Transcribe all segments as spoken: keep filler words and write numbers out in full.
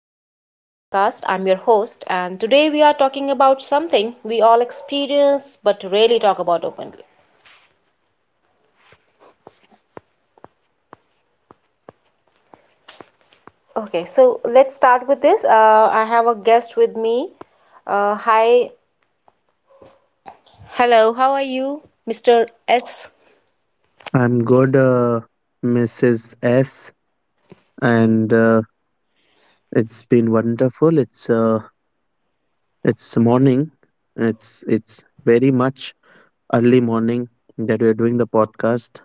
to my podcast. I'm your host, and today we are talking about something we all experience but rarely talk about openly. Okay, so let's start with this. Uh, I have a guest with me. Uh, hi. Hello, how are you, Mister S? I'm good, uh, Missus S, and uh, it's been wonderful. It's uh, it's morning. It's it's very much early morning that we are doing the podcast,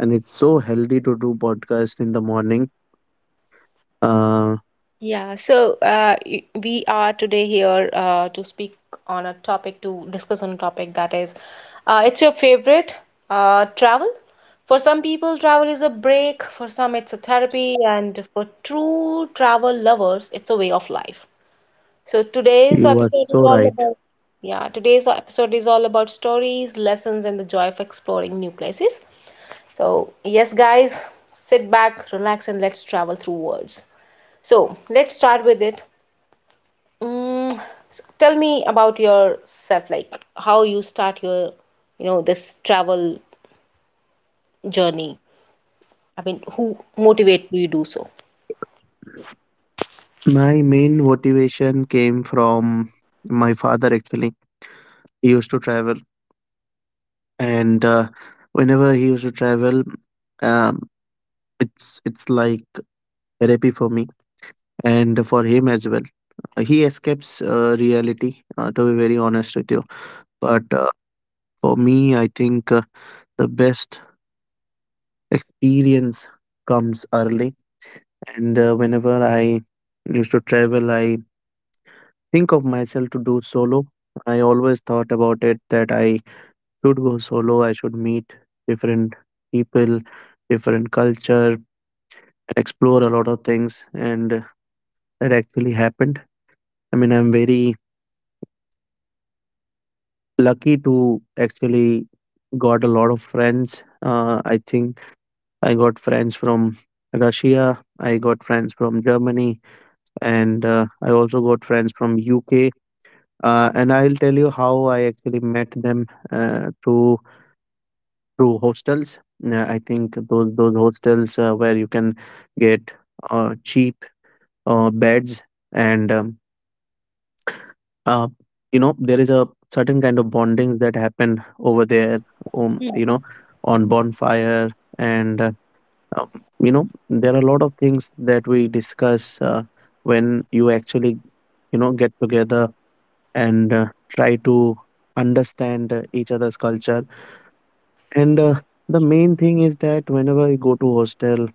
and it's so healthy to do podcast in the morning. Uh, Yeah, so uh, y- we are today here uh, to speak on a topic, to discuss on a topic that is, uh, it's your favorite uh, travel. For some people, travel is a break, for some, it's a therapy, and for true travel lovers, it's a way of life. So today's you are episode is so all right. about, yeah, today's episode is all about stories, lessons, and the joy of exploring new places. So, yes, guys, sit back, relax, and let's travel through words. So, let's start with it. Mm, so tell me about yourself, like how you start your, you know, this travel journey. I mean, who motivate you do so? My main motivation came from my father. Actually, he used to travel, and uh, whenever he used to travel, um, it's it's like therapy for me and for him as well. He escapes uh, reality, uh, to be very honest with you. But uh, for me, I think uh, the best experience comes early. And uh, whenever I used to travel, I think of myself to do solo. I always thought about it that I should go solo, I should meet different people, different culture, and explore a lot of things. And that actually happened. I mean, I'm very lucky to actually got a lot of friends. Uh, I think I got friends from Russia. I got friends from Germany, and uh, I also got friends from U K. Uh, and I'll tell you how I actually met them uh, through through hostels. Yeah, I think those those hostels uh, where you can get uh, cheap uh, beds and um, uh, you know there is a certain kind of bondings that happen over there, um, you know, on bonfire and uh, um, you know there are a lot of things that we discuss uh, when you actually, you know, get together and uh, try to understand uh, each other's culture, and uh, the main thing is that whenever we go to hostel,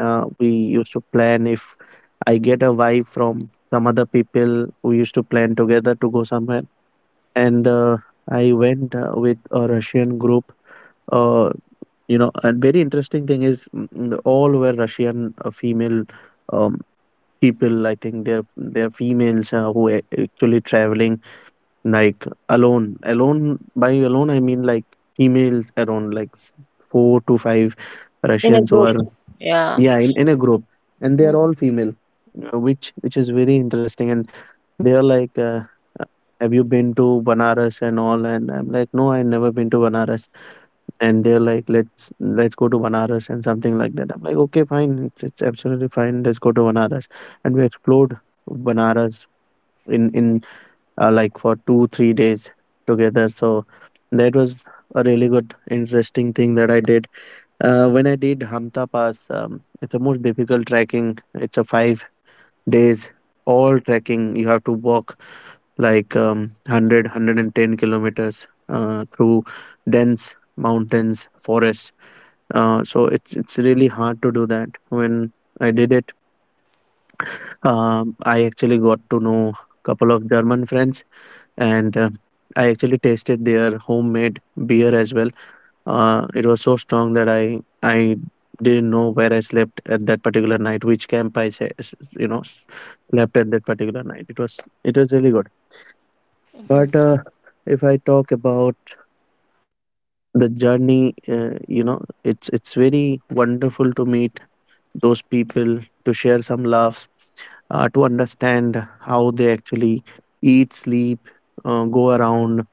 uh, we used to plan if I get a vibe from some other people, we used to plan together to go somewhere. And uh, I went uh, with a Russian group. Uh, you know, and very interesting thing is, mm, mm, all were Russian uh, female um, people. I think they're they're females uh, who are actually traveling like alone. Alone by alone I mean like females around like s- four to five In a Russians who are, groups. Yeah. yeah, in, in a group, and they are Mm-hmm. all female, uh, which which is very interesting. And they are like, uh, uh, "Have you been to Banaras and all?" And I'm like, "No, I never been to Banaras." And they're like, "Let's let's go to Banaras and something like that." I'm like, "Okay, fine. It's, it's absolutely fine. Let's go to Banaras." And we explored Banaras in in uh, like for two three days together. So that was a really good interesting thing that I did. Uh, when I did Hamta Pass, um, it's the most difficult trekking. It's a five days all trekking. You have to walk like um, one hundred kilometers uh, through dense mountains forests. Uh, so it's it's really hard to do that. When I did it, um, I actually got to know couple of German friends, and uh, I actually tasted their homemade beer as well. Uh, it was so strong that i i didn't know where I slept at that particular night, which camp I sa- s- you know, s- slept at that particular night. It was, it was really good. But uh, if I talk about the journey, uh, you know, it's it's very wonderful to meet those people, to share some laughs, uh, to understand how they actually eat, sleep, uh, go around,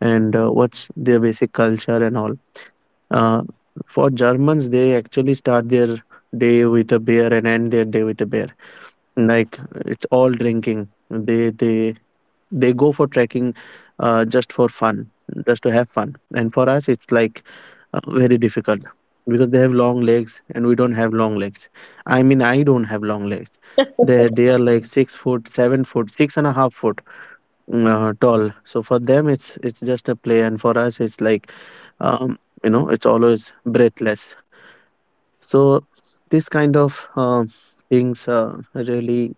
and uh, what's their basic culture and all. Uh, for Germans, they actually start their day with a beer and end their day with a beer. Like it's all drinking. They they they go for trekking uh, just for fun, just to have fun. And for us it's like uh, very difficult because they have long legs and we don't have long legs. I mean, I don't have long legs. They they are like six foot, seven foot, six and a half foot mm, uh, tall. So for them it's it's just a play, and for us it's like, um, you know, it's always breathless. So this kind of uh, things uh, really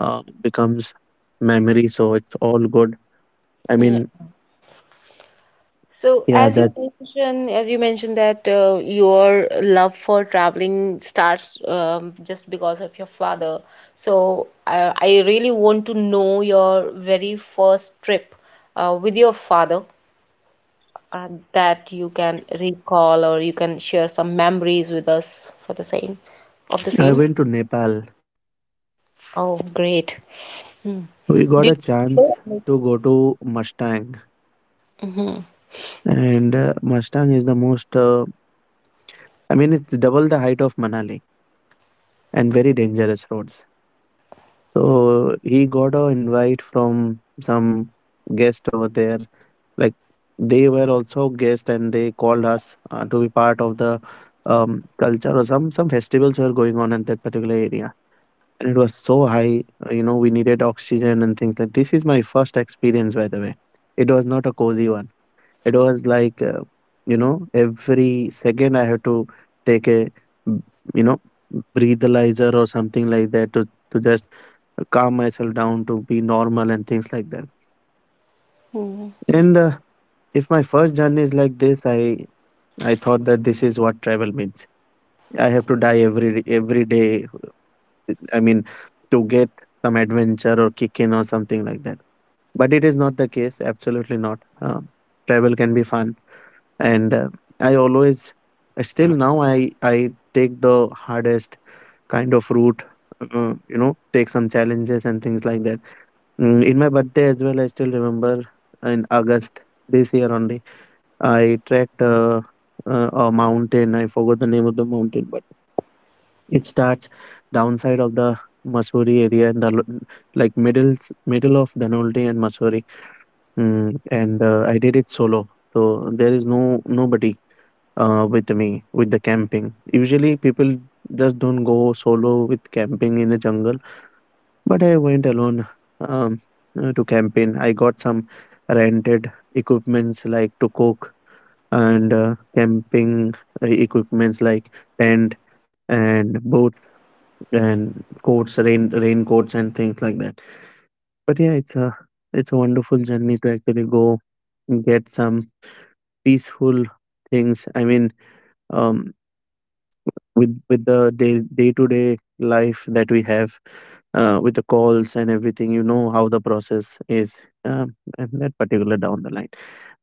uh, becomes memory. So it's all good. I Yeah. mean, So yeah, as you that's. mentioned, as you mentioned that uh, your love for traveling starts um, just because of your father. So uh, I really want to know your very first trip uh, with your father, uh, that you can recall, or you can share some memories with us for the same of the I same. went to Nepal. Oh, great. Hmm. We Do got a you chance remember? to go to Mustang, Mhm. and uh, Mustang is the most. Uh, I mean, it's double the height of Manali and very dangerous roads. So he got a invite from some guest over there. Like they were also guest, and they called us uh, to be part of the um, culture or some some festivals were going on in that particular area. And it was so high. uh, You know, we needed oxygen and things like this. Is my first experience, by the way. It was not a cozy one. It was like, uh, you know, every second I had to take a, mm, you know, breathalyzer or something like that to to just calm myself down to be normal and things like that. Mm. And uh, if my first journey is like this, I I thought that this is what travel means. I have to die every every day. I mean, to get some adventure or kick in or something like that, but it is not the case, absolutely not. Uh, travel can be fun, and uh, I always, still now, i i take the hardest kind of route, uh, you know, take some challenges and things like that. Mm, in my birthday as well, I still remember, in August this year only, I trekked uh, uh, a mountain. I forgot the name of the mountain, but it starts downside of the Masuri area in the lo- like middle middle of Danolti and Masuri. Mm, and uh, I did it solo, so there is no nobody uh, with me with the camping. Usually, people just don't go solo with camping in the jungle, but I went alone, um, uh, to camping. I got some rented equipments like to cook, and uh, camping uh, equipments like tent and boat and coats, rain raincoats and things like that. But yeah, it's a, it's a wonderful journey to actually go get some peaceful things. I mean, um, with with the day day to day life that we have, uh, with the calls and everything, you know how the process is. Um, and that particular down the line,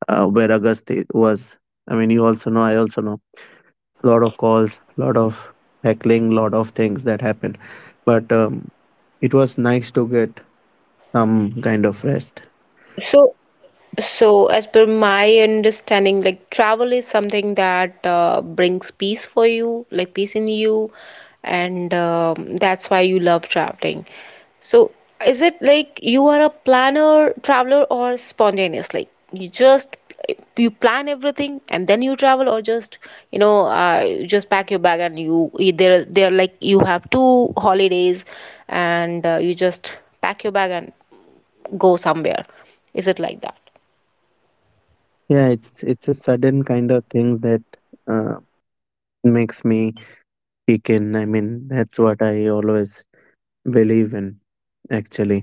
uh, where August i- was. I mean, you also know. I also know. A lot of calls, a lot of heckling, lot of things that happened. But um, it was nice to get some kind of rest. so So, as per my understanding, like travel is something that uh, brings peace for you, like peace in you, and um, that's why you love traveling. So, is it like you are a planner, traveler, or spontaneously? You just you plan everything and then you travel, or just you know, uh, you just pack your bag and you there there like you have two holidays, and uh, you just pack your bag and go somewhere. Is it like that? Yeah, it's it's a sudden kind of thing that uh, makes me he can, I mean, that's what I always believe in, actually.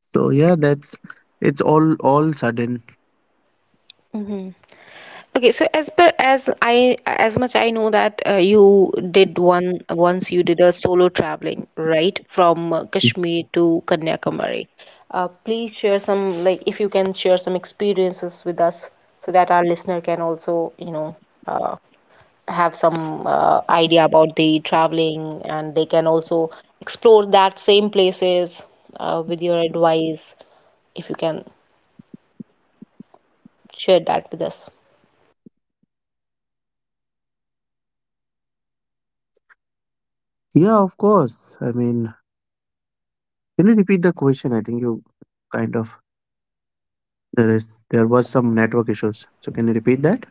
So yeah, that's, it's all all sudden. Mhm. Okay, so as per as I as much I know that uh, you did one once you did a solo traveling, right, from uh, Kashmir to Kanyakumari. Uh, please share some, like, if you can share some experiences with us so that our listener can also, you know, uh, have some uh, idea about the traveling, and they can also explore that same places uh, with your advice, if you can share that with us. Yeah, of course. I mean, can you repeat the question? I think you kind of, there is there was some network issues, so can you repeat that?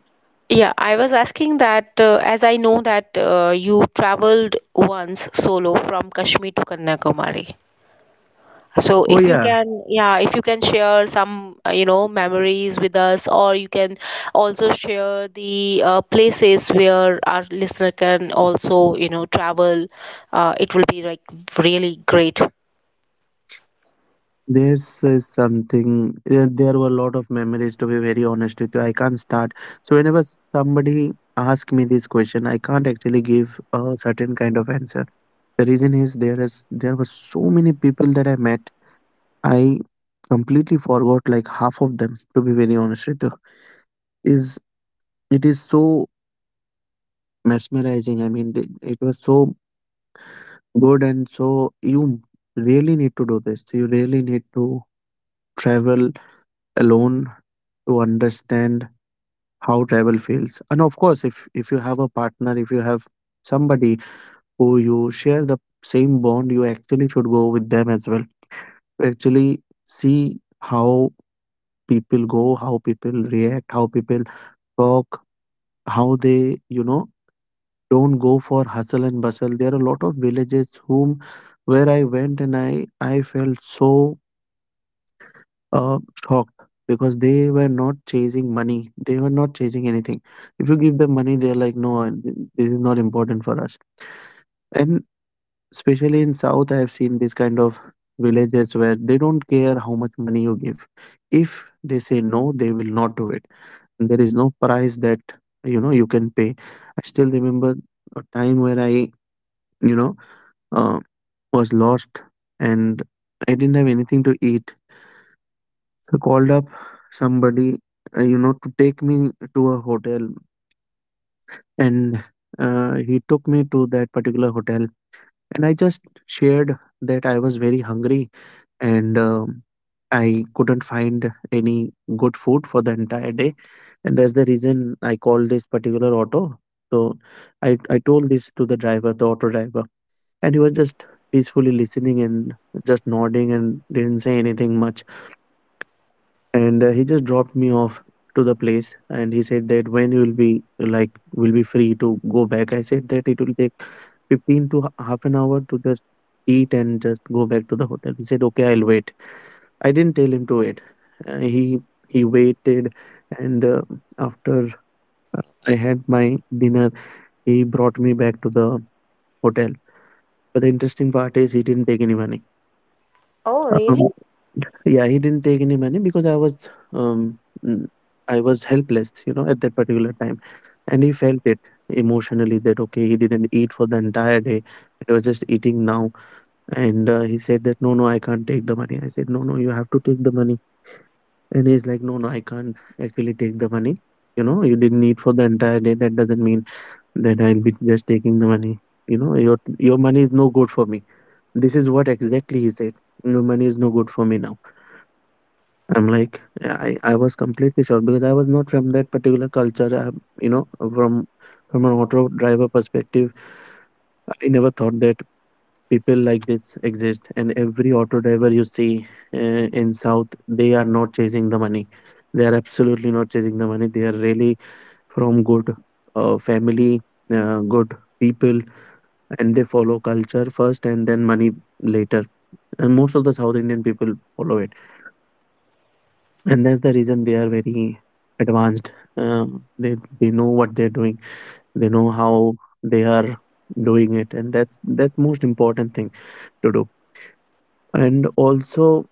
Yeah, I was asking that uh, as I know that uh, you traveled once solo from Kashmir to Kanyakumari. So Oh if you yeah. can, yeah, if you can share some, uh, you know, memories with us, or you can also share the uh, places where our listener can also, you know, travel, uh, it will be like really great. This is something. Uh, there were a lot of memories, to be very honest with you. I can't start. So whenever somebody asks me this question, I can't actually give a certain kind of answer. The reason is, there is there were so many people that I met. I completely forgot like half of them. To be very honest with you, is, it is so mesmerizing. I mean, the- it was so good, and so you really need to do this. You really need to travel alone to understand how travel feels. And of course, if if you have a partner, if you have somebody who you share the same bond, you actually should go with them as well to actually see how people go, how people react, how people talk, how they, you know, don't go for hustle and bustle. There are a lot of villages whom, where I went, and i i felt so uh, hawked because they were not chasing money. They were not chasing anything. If you give them money, they're like, no, uh, th- this is not important for us. And especially in South, I have seen this kind of villages where they don't care how much money you give. If they say no, they will not do it. There is no price that, you know, you can pay. I still remember a time where I, you know, uh, was lost, and I didn't have anything to eat. I called up somebody, uh, you know, to take me to a hotel, and uh, he took me to that particular hotel. And I just shared that I was very hungry, and um, I couldn't find any good food for the entire day, and that's the reason I called this particular auto. So I I told this to the driver, the auto driver, and he was just peacefully listening and just nodding and didn't say anything much, and uh, he just dropped me off to the place. And he said that when you will be like will be free to go back, I said that it will take fifteen to h- half an hour to just eat and just go back to the hotel. He said okay, I'll wait. I didn't tell him to wait. Uh, he he waited, and uh, after uh, I had my dinner, he brought me back to the hotel. But the interesting part is he didn't take any money. Oh, really? Um, yeah, he didn't take any money because I was um, mm, I was helpless, you know, at that particular time, and he felt it emotionally that okay, he didn't eat for the entire day. It was just eating now, and uh, he said that no, no, I can't take the money. I said no, no, you have to take the money, and he's like no, no, I can't actually take the money. You know, you didn't eat for the entire day. That doesn't mean that I'll be just taking the money. You know, your your money is no good for me. This is what exactly he said. Your money is no good for me. Now I'm like, yeah, I, I was completely shocked because I was not from that particular culture. I, you know, from from an auto driver perspective, I never thought that people like this exist. And every auto driver you see uh, in South, they are not chasing the money. They are absolutely not chasing the money. They are really from good uh, family, uh, good people, and they follow culture first and then money later. And most of the South Indian people follow it. And that's the reason they are very advanced. um, they they know what they're doing, they know how they are doing it, and that's that's most important thing to do. And also,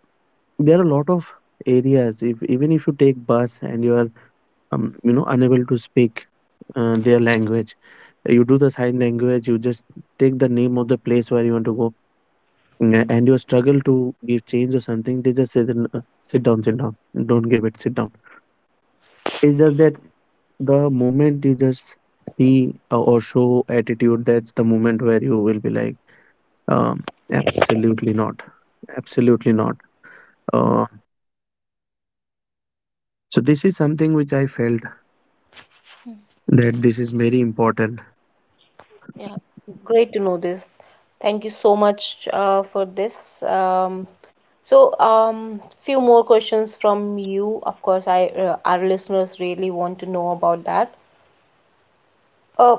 there are a lot of areas, if even if you take bus and you are um, you know unable to speak uh, their language, you do the sign language, you just take the name of the place where you want to go. Mm, and you struggle to give change or something, they just say then, uh, sit down, sit down, don't give it, sit down. It's just that the moment you just see uh, or show attitude, that's the moment where you will be like, um, absolutely not, absolutely not. Uh, so this is something which I felt, that this is very important. Yeah, great to know this. Thank you so much uh, for this. Um, So, um, few more questions from you. Of course, I uh, our listeners really want to know about that. Uh,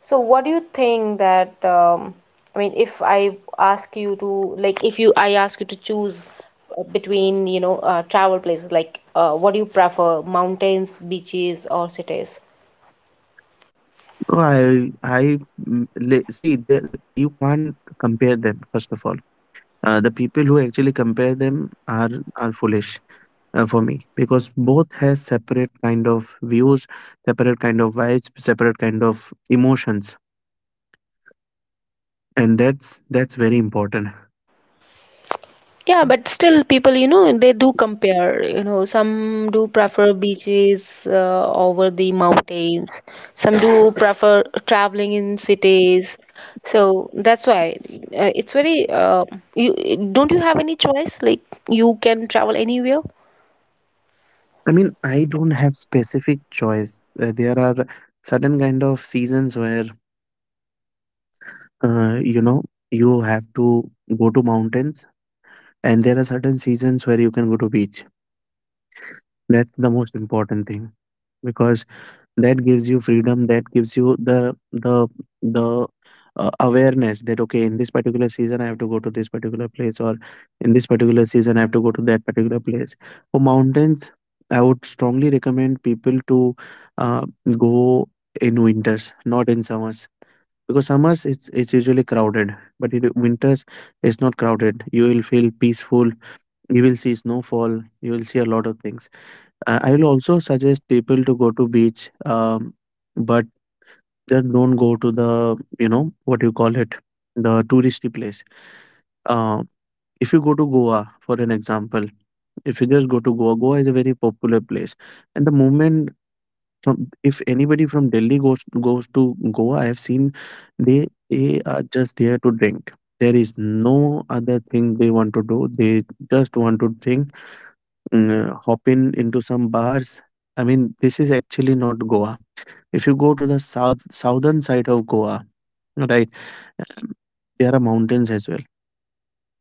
so what do you think that um, I mean, if I ask you to like, if you I ask you to choose uh, between, you know uh, travel places, like, uh, what do you prefer, mountains, beaches, or cities? No, I I mm, le- see, there you can't compare them first of all. Uh, the people who actually compare them are are foolish uh, for me, because both has separate kind of views, separate kind of vibes, separate kind of emotions, and that's that's very important. Yeah, but still, people, you know, they do compare. You know, some do prefer beaches uh, over the mountains. Some do prefer traveling in cities. So that's why uh, it's very. Uh, you don't you have any choice? Like, you can travel anywhere. I mean, I don't have specific choice. Uh, there are certain kind of seasons where uh, you know you have to go to mountains, and there are certain seasons where you can go to beach. That's the most important thing, because that gives you freedom, that gives you the the the uh, awareness that okay, in this particular season I have to go to this particular place, or in this particular season I have to go to that particular place. For mountains, I would strongly recommend people to uh, go in winters, not in summers, because summers it's it's usually crowded, but in winters it's not crowded. You will feel peaceful, you will see snowfall, you will see a lot of things. uh, I will also suggest people to go to beach, um, but just don't go to the, you know what you call it, the touristy place. Uh, if you go to Goa, for an example, if you just go to Goa, Goa is a very popular place, and the moment from if anybody from Delhi goes goes to Goa, I have seen they they are just there to drink. There is no other thing they want to do. They just want to drink, mm, hop in into some bars. I mean, this is actually not Goa. If you go to the south southern side of Goa, right, um, there are mountains as well,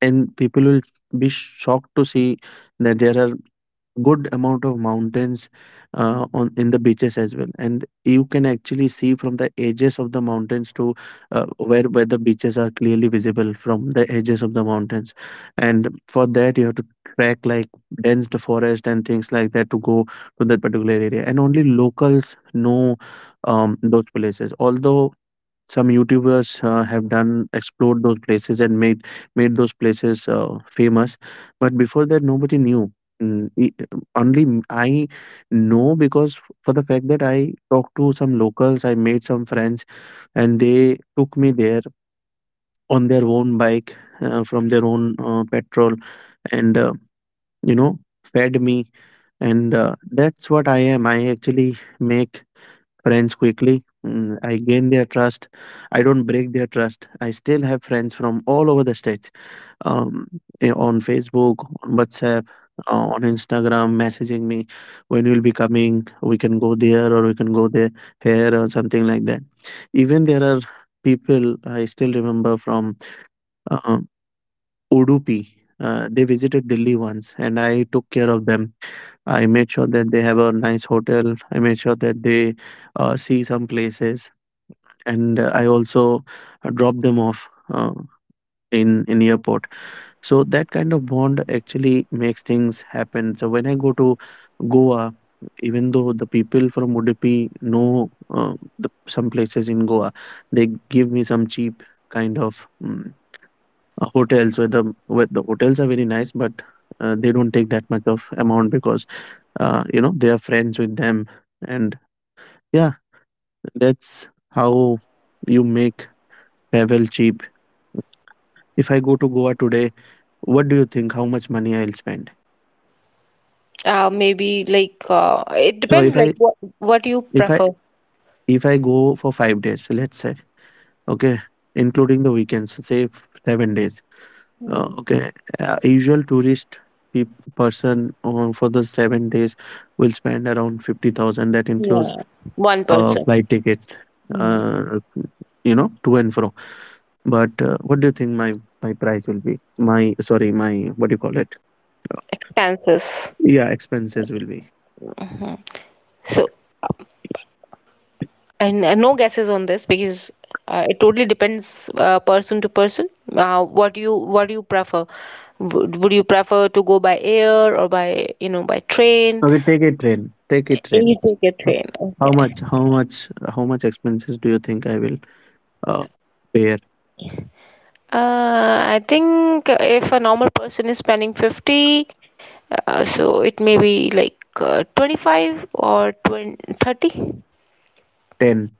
and people will be shocked to see that there are good amount of mountains uh, on in the beaches as well. And you can actually see from the edges of the mountains to, uh, where where the beaches are clearly visible from the edges of the mountains. And for that you have to trek like dense the forest and things like that to go to that particular area, and only locals know um, those places. Although some YouTubers uh, have done explored those places and made made those places uh, famous, but before that nobody knew. Mm, e- only m- I know, because for the fact that I talked to some locals, I made some friends, and they took me there on their own bike, uh, from their own uh, petrol, and uh, you know, fed me. And uh, that's what I am. I actually make friends quickly. Mm, I gain their trust. I don't break their trust. I still have friends from all over the states, um, eh, on Facebook, on WhatsApp, uh, on Instagram, messaging me when you'll be coming. We can go there, or we can go there here or something like that. Even there are people I still remember from uh, Udupi. Uh, they visited Delhi once and I took care of them. I made sure that they have a nice hotel. I made sure that they uh, see some places, and uh, I also uh, drop them off uh, in in airport. So that kind of bond actually makes things happen. So when I go to Goa, even though the people from Udupi know uh, the, some places in Goa, they give me some cheap kind of mm, uh, hotels, where the where the hotels are very nice, but uh, they don't take that much of amount because uh, you know they are friends with them. And yeah, that's how you make travel cheap. If I go to Goa today, what do you think? How much money I'll spend? Uh, maybe like uh, it So depends. if Like, I what what you if I prefer. if I go for five days, let's say, okay, including the weekends, say f- seven days. Uh, Hmm. okay, uh, usual tourist pe- person on for the seven days will spend around fifty thousand. That includes Yeah, one uh, person. flight tickets, Hmm. uh, you know, to and fro. But uh, what do you think my my price will be? My, sorry, my, what do you call it? Expenses. Yeah, expenses will be. So, And, and no guesses on this because uh, it totally depends uh, person to person. Uh, what you what do you prefer? Would, would you prefer to go by air or by you know by train? Okay, take a train. Take a train. You take a Uh, train. How Okay. much? How much? How much expenses do you think I will uh, bear? Uh, I think if a normal person is spending fifty, uh, so it may be like uh, twenty-five or twenty thirty. Ten.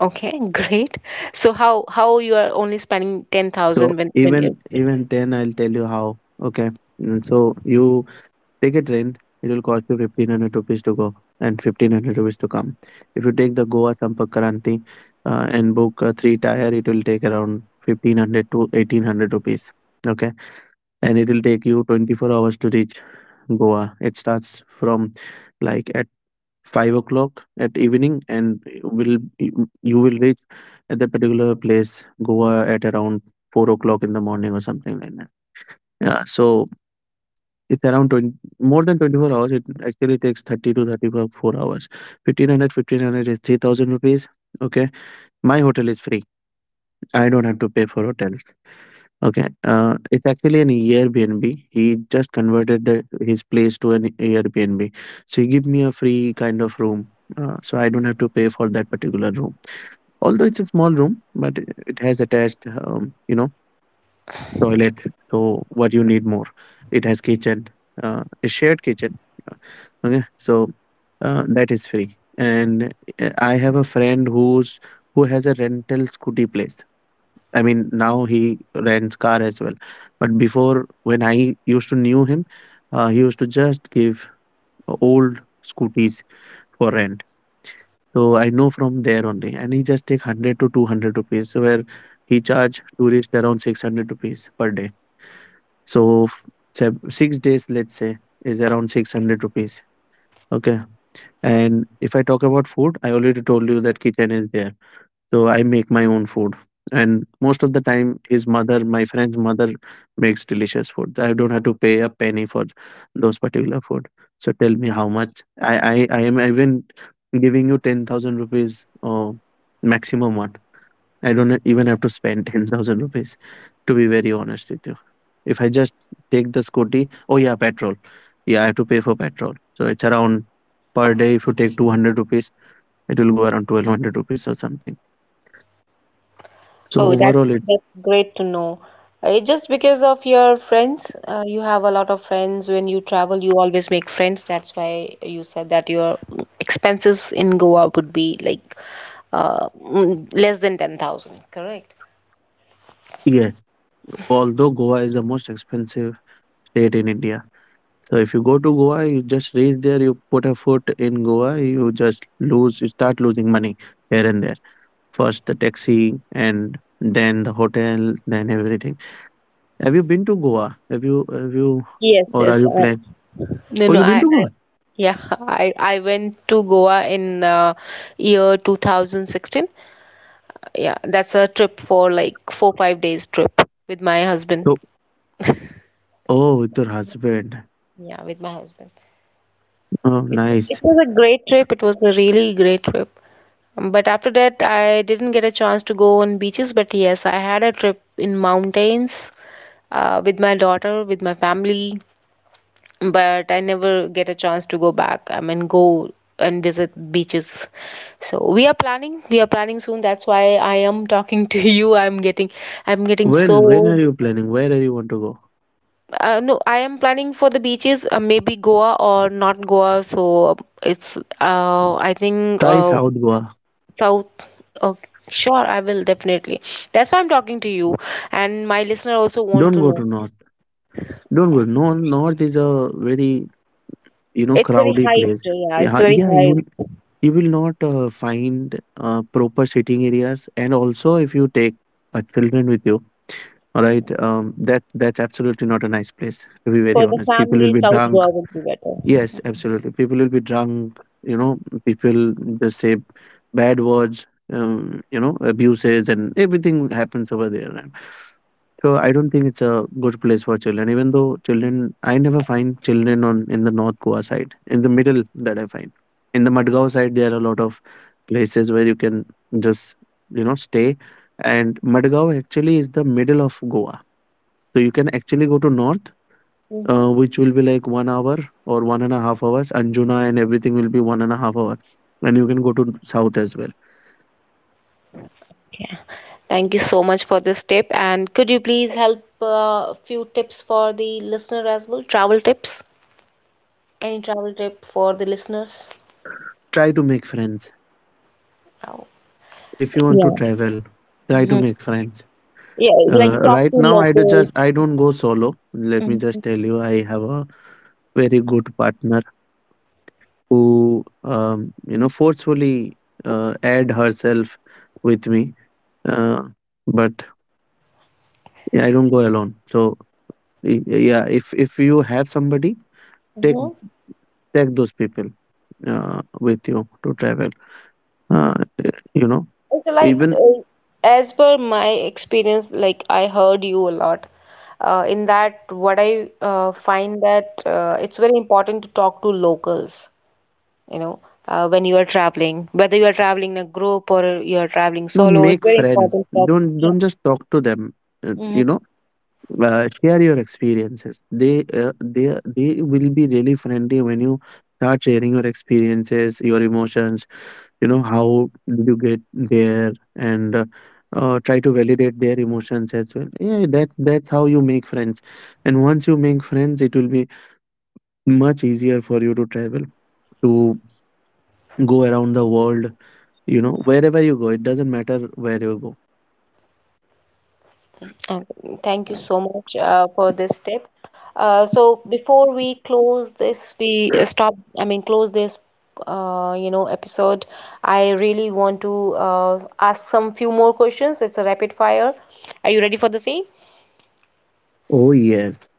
Okay, great. So how how you are only spending ten thousand So when when you. even, even ten, I'll tell you how. Okay. Mm, so you, take a train, it will cost you fifteen hundred rupees to go and fifteen hundred rupees to come. If you take the Goa Sampark Kranti, uh, and book a three tire, it will take around fifteen hundred to eighteen hundred rupees. Okay. And it will take you twenty-four hours to reach Goa. It starts from like at five o'clock at evening, and will, you will reach at the particular place Goa at around four o'clock in the morning or something like that. Yeah, so it's around twenty, more than twenty-four hours. It actually takes thirty to thirty-four hours. fifteen hundred is three thousand rupees. Okay. My hotel is free. I don't have to pay for hotels. Okay. Uh, it's actually an Airbnb. He just converted the, his place to an Airbnb. So he give me a free kind of room. Uh, so I don't have to pay for that particular room. Although it's a small room, but it it has attached, um, you know, toilet. So what you need more? It has kitchen, uh, a shared kitchen. uh, okay, so uh, that is free. And uh, I have a friend who's who has a rental scooty place. I mean, now he rents car as well, but before, when I used to knew him, uh, he used to just give old scooties for rent. So I know from there only, and he just take one hundred to two hundred rupees, where he charge tourist around six hundred rupees per day. So f- sev- six days, let's say, is around six hundred rupees. Okay. And if I talk about food, I already told you that kitchen is there. So I make my own food. And most of the time, his mother, my friend's mother, makes delicious food. I don't have to pay a penny for those particular food. So tell me how much. I, I, I am even giving you ten thousand rupees or maximum one. I don't even have to spend ten thousand rupees, to be very honest with you. If I just take the scooty, oh yeah, petrol. Yeah, I have to pay for petrol. So it's around per day, if you take two hundred rupees, it will go around twelve hundred rupees or something. So Oh, that's overall, it's that's great to know. Uh, It just because of your friends, uh, you have a lot of friends. When you travel, you always make friends. That's why you said that your expenses in Goa would be like uh, mm, less than ten thousand, correct? yes. Although Goa is the most expensive state in India. So if you go to Goa, you just reach there, you put a foot in Goa, you just lose, you start losing money here and there. First the taxi and then the hotel, then everything. Have you been to Goa? Have you have you Yes, or are yes. you Uh, planning? no, Oh, no, you've been I, to Goa? I yeah, I I went to Goa in uh, year two thousand sixteen. Yeah, that's a trip for like four, five days trip with my husband. So, oh, with your husband. Yeah, with my husband. Oh, It it nice. was a great trip. It was a really great trip. Um, But after that, I didn't get a chance to go on beaches. But yes, I had a trip in mountains uh, with my daughter, with my family. But I never get a chance to go back. I mean, go and visit beaches. So we are planning. We are planning soon. That's why I am talking to you. I'm getting, I'm getting When when are so. you planning? Where do you want to go? Uh, no, I am planning for the beaches, uh, maybe Goa or not Goa. So it's, uh, I think, Try uh, South Goa. South. Okay, sure, I will definitely. That's why I'm talking to you, and my listener also want Don't to go know. to North. Don't go. North North is a very, you know, It's very crowdy hyped, place. yeah. It's Yeah, very yeah, you hyped you will not uh, find uh, proper sitting areas. And also, if you take uh, children with you, all right, um, that that's absolutely not a nice place. To be very for the honest, people will family. be South drunk. Goa will be better. Yes, absolutely. People will be drunk, you know, people they say bad words, um, you know, abuses and everything happens over there. And so I don't think it's a good place for children, even though children I never find children on in the North Goa side. In the middle that I find. In the Madgaon side there are a lot of places where you can just, you know, stay. And Madgaon actually is the middle of Goa. So you can actually go to north, Mm-hmm. uh, which will be like one hour or one and a half hours. Anjuna and everything will be one and a half hour. And you can go to south as well. Yeah. Thank you so much for this tip, and could you please help uh, a few tips for the listener as well? Travel tips? Any travel tip for the listeners? Try to make friends Oh. if you want to Yeah. travel. Try to hmm make friends. Yeah, Uh, like, talk Right to now, I do just locals. I don't go solo. Let me just Mm-hmm. tell you, I have a very good partner who, um, you know, forcefully uh, add herself with me. Uh, but yeah, I don't go alone. So y- yeah, if if you have somebody, take take those people uh, with you to travel, uh, you know, It's like, even you uh, as per my experience, like, I heard you a lot. Uh, in that, what I uh, find that uh, it's very important to talk to locals, you know, uh, when you are traveling, whether you are traveling in a group or you are traveling know, solo, it's make very friends. important to talk. don't Yeah. don't just talk to them, uh, you Mm-hmm. know, uh, share your experiences. They uh, they they will be really friendly when you start sharing your experiences, your emotions, you know. How did you get there? And uh, uh, try to validate their emotions as well. Yeah, that's that's how you make friends. And once you make friends it will be much easier for you to travel, to go around the world, you know, wherever you go, it doesn't matter where you go. Okay, thank you so much uh, for this tip. Uh, so before we close this, we uh, stop, I mean, close this, uh, you know, episode. I really want to uh, ask some few more questions. It's a rapid fire. Are you ready for the same? Oh yes,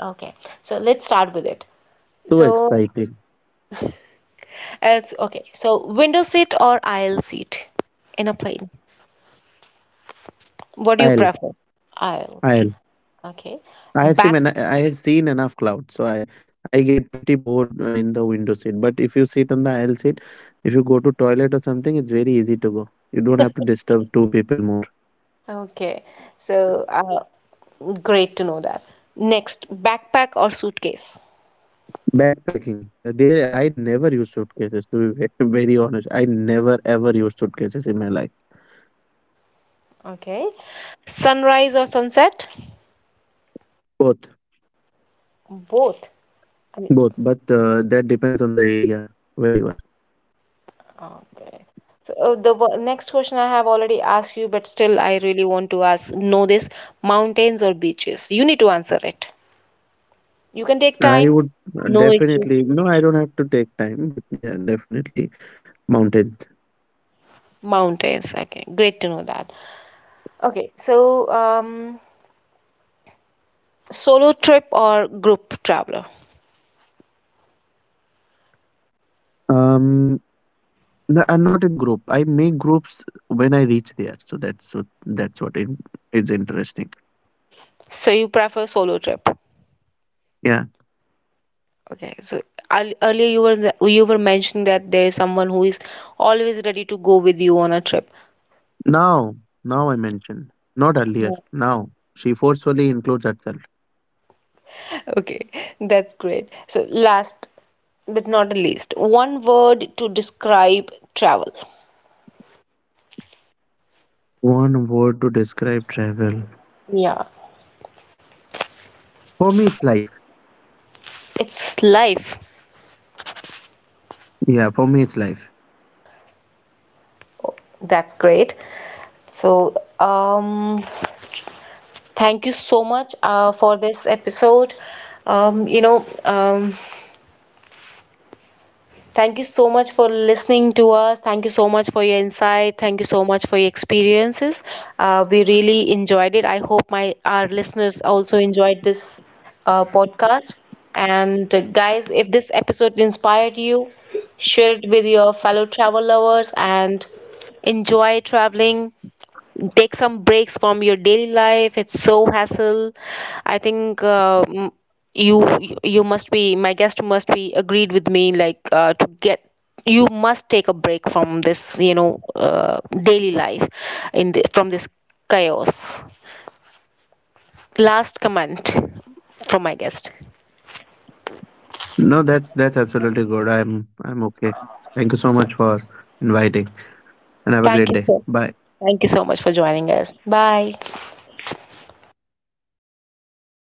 Okay, so let's start with it. so So, exciting. as okay, so window seat or aisle seat in a plane? What do you I'll, prefer? Aisle. I'll. Okay. I have seen, Back ena- I have seen enough clouds, so I, I get pretty bored uh, in the window seat. But if you sit on the aisle seat, if you go to toilet or something, it's very easy to go. You don't have to disturb two people more. Okay, so uh, great to know that. Next, backpack or suitcase? Backpacking, uh, there I never use suitcases. To be ve- very honest, I never ever use suitcases in my life. Okay, sunrise or sunset? Both, Both. I mean, both, but uh, that depends on the area where you are. okay. So uh, the wo- next question I have already asked you, but still I really want to ask, know this, mountains or beaches? You need to answer it. You can take I time, would uh, no issue. definitely, no, I don't have to take time, but yeah, definitely mountains. Mountains, okay, great to know that. Okay, so um, solo trip or group traveler? Um, n- uh, Not in group. I make groups when I reach there. So that's what that's what in, is interesting. So you prefer solo trip? Yeah. Okay, so earl- earlier you were the- you were mentioning that there is someone who is always ready to go with you on a trip. Now, now I mentioned not earlier. Yeah. Now she forcefully includes herself. Okay, that's great. So last but not the least, one word to describe travel. One word to describe travel. Yeah. For me, it's life. It's life. Yeah, for me, it's life. Oh, that's great. So, um, thank you so much uh, for this episode. Um, you know, um, Thank you so much for listening to us. Thank you so much for your insight. Thank you so much for your experiences. Uh, we really enjoyed it. I hope my our listeners also enjoyed this uh, podcast. And uh, guys, if this episode inspired you, share it with your fellow travel lovers and enjoy traveling. Take some breaks from your daily life. It's so hassle. I think uh, m- you you you must be, my guest must be agreed with me, like, uh, to get, you must take a break from this, you know uh, daily life in the, from this chaos. Last comment from my guest. No, that's that's absolutely good. I'm I'm okay. Thank you so much for inviting and have a thank you great day. so Bye. Thank you so much for joining us. Bye.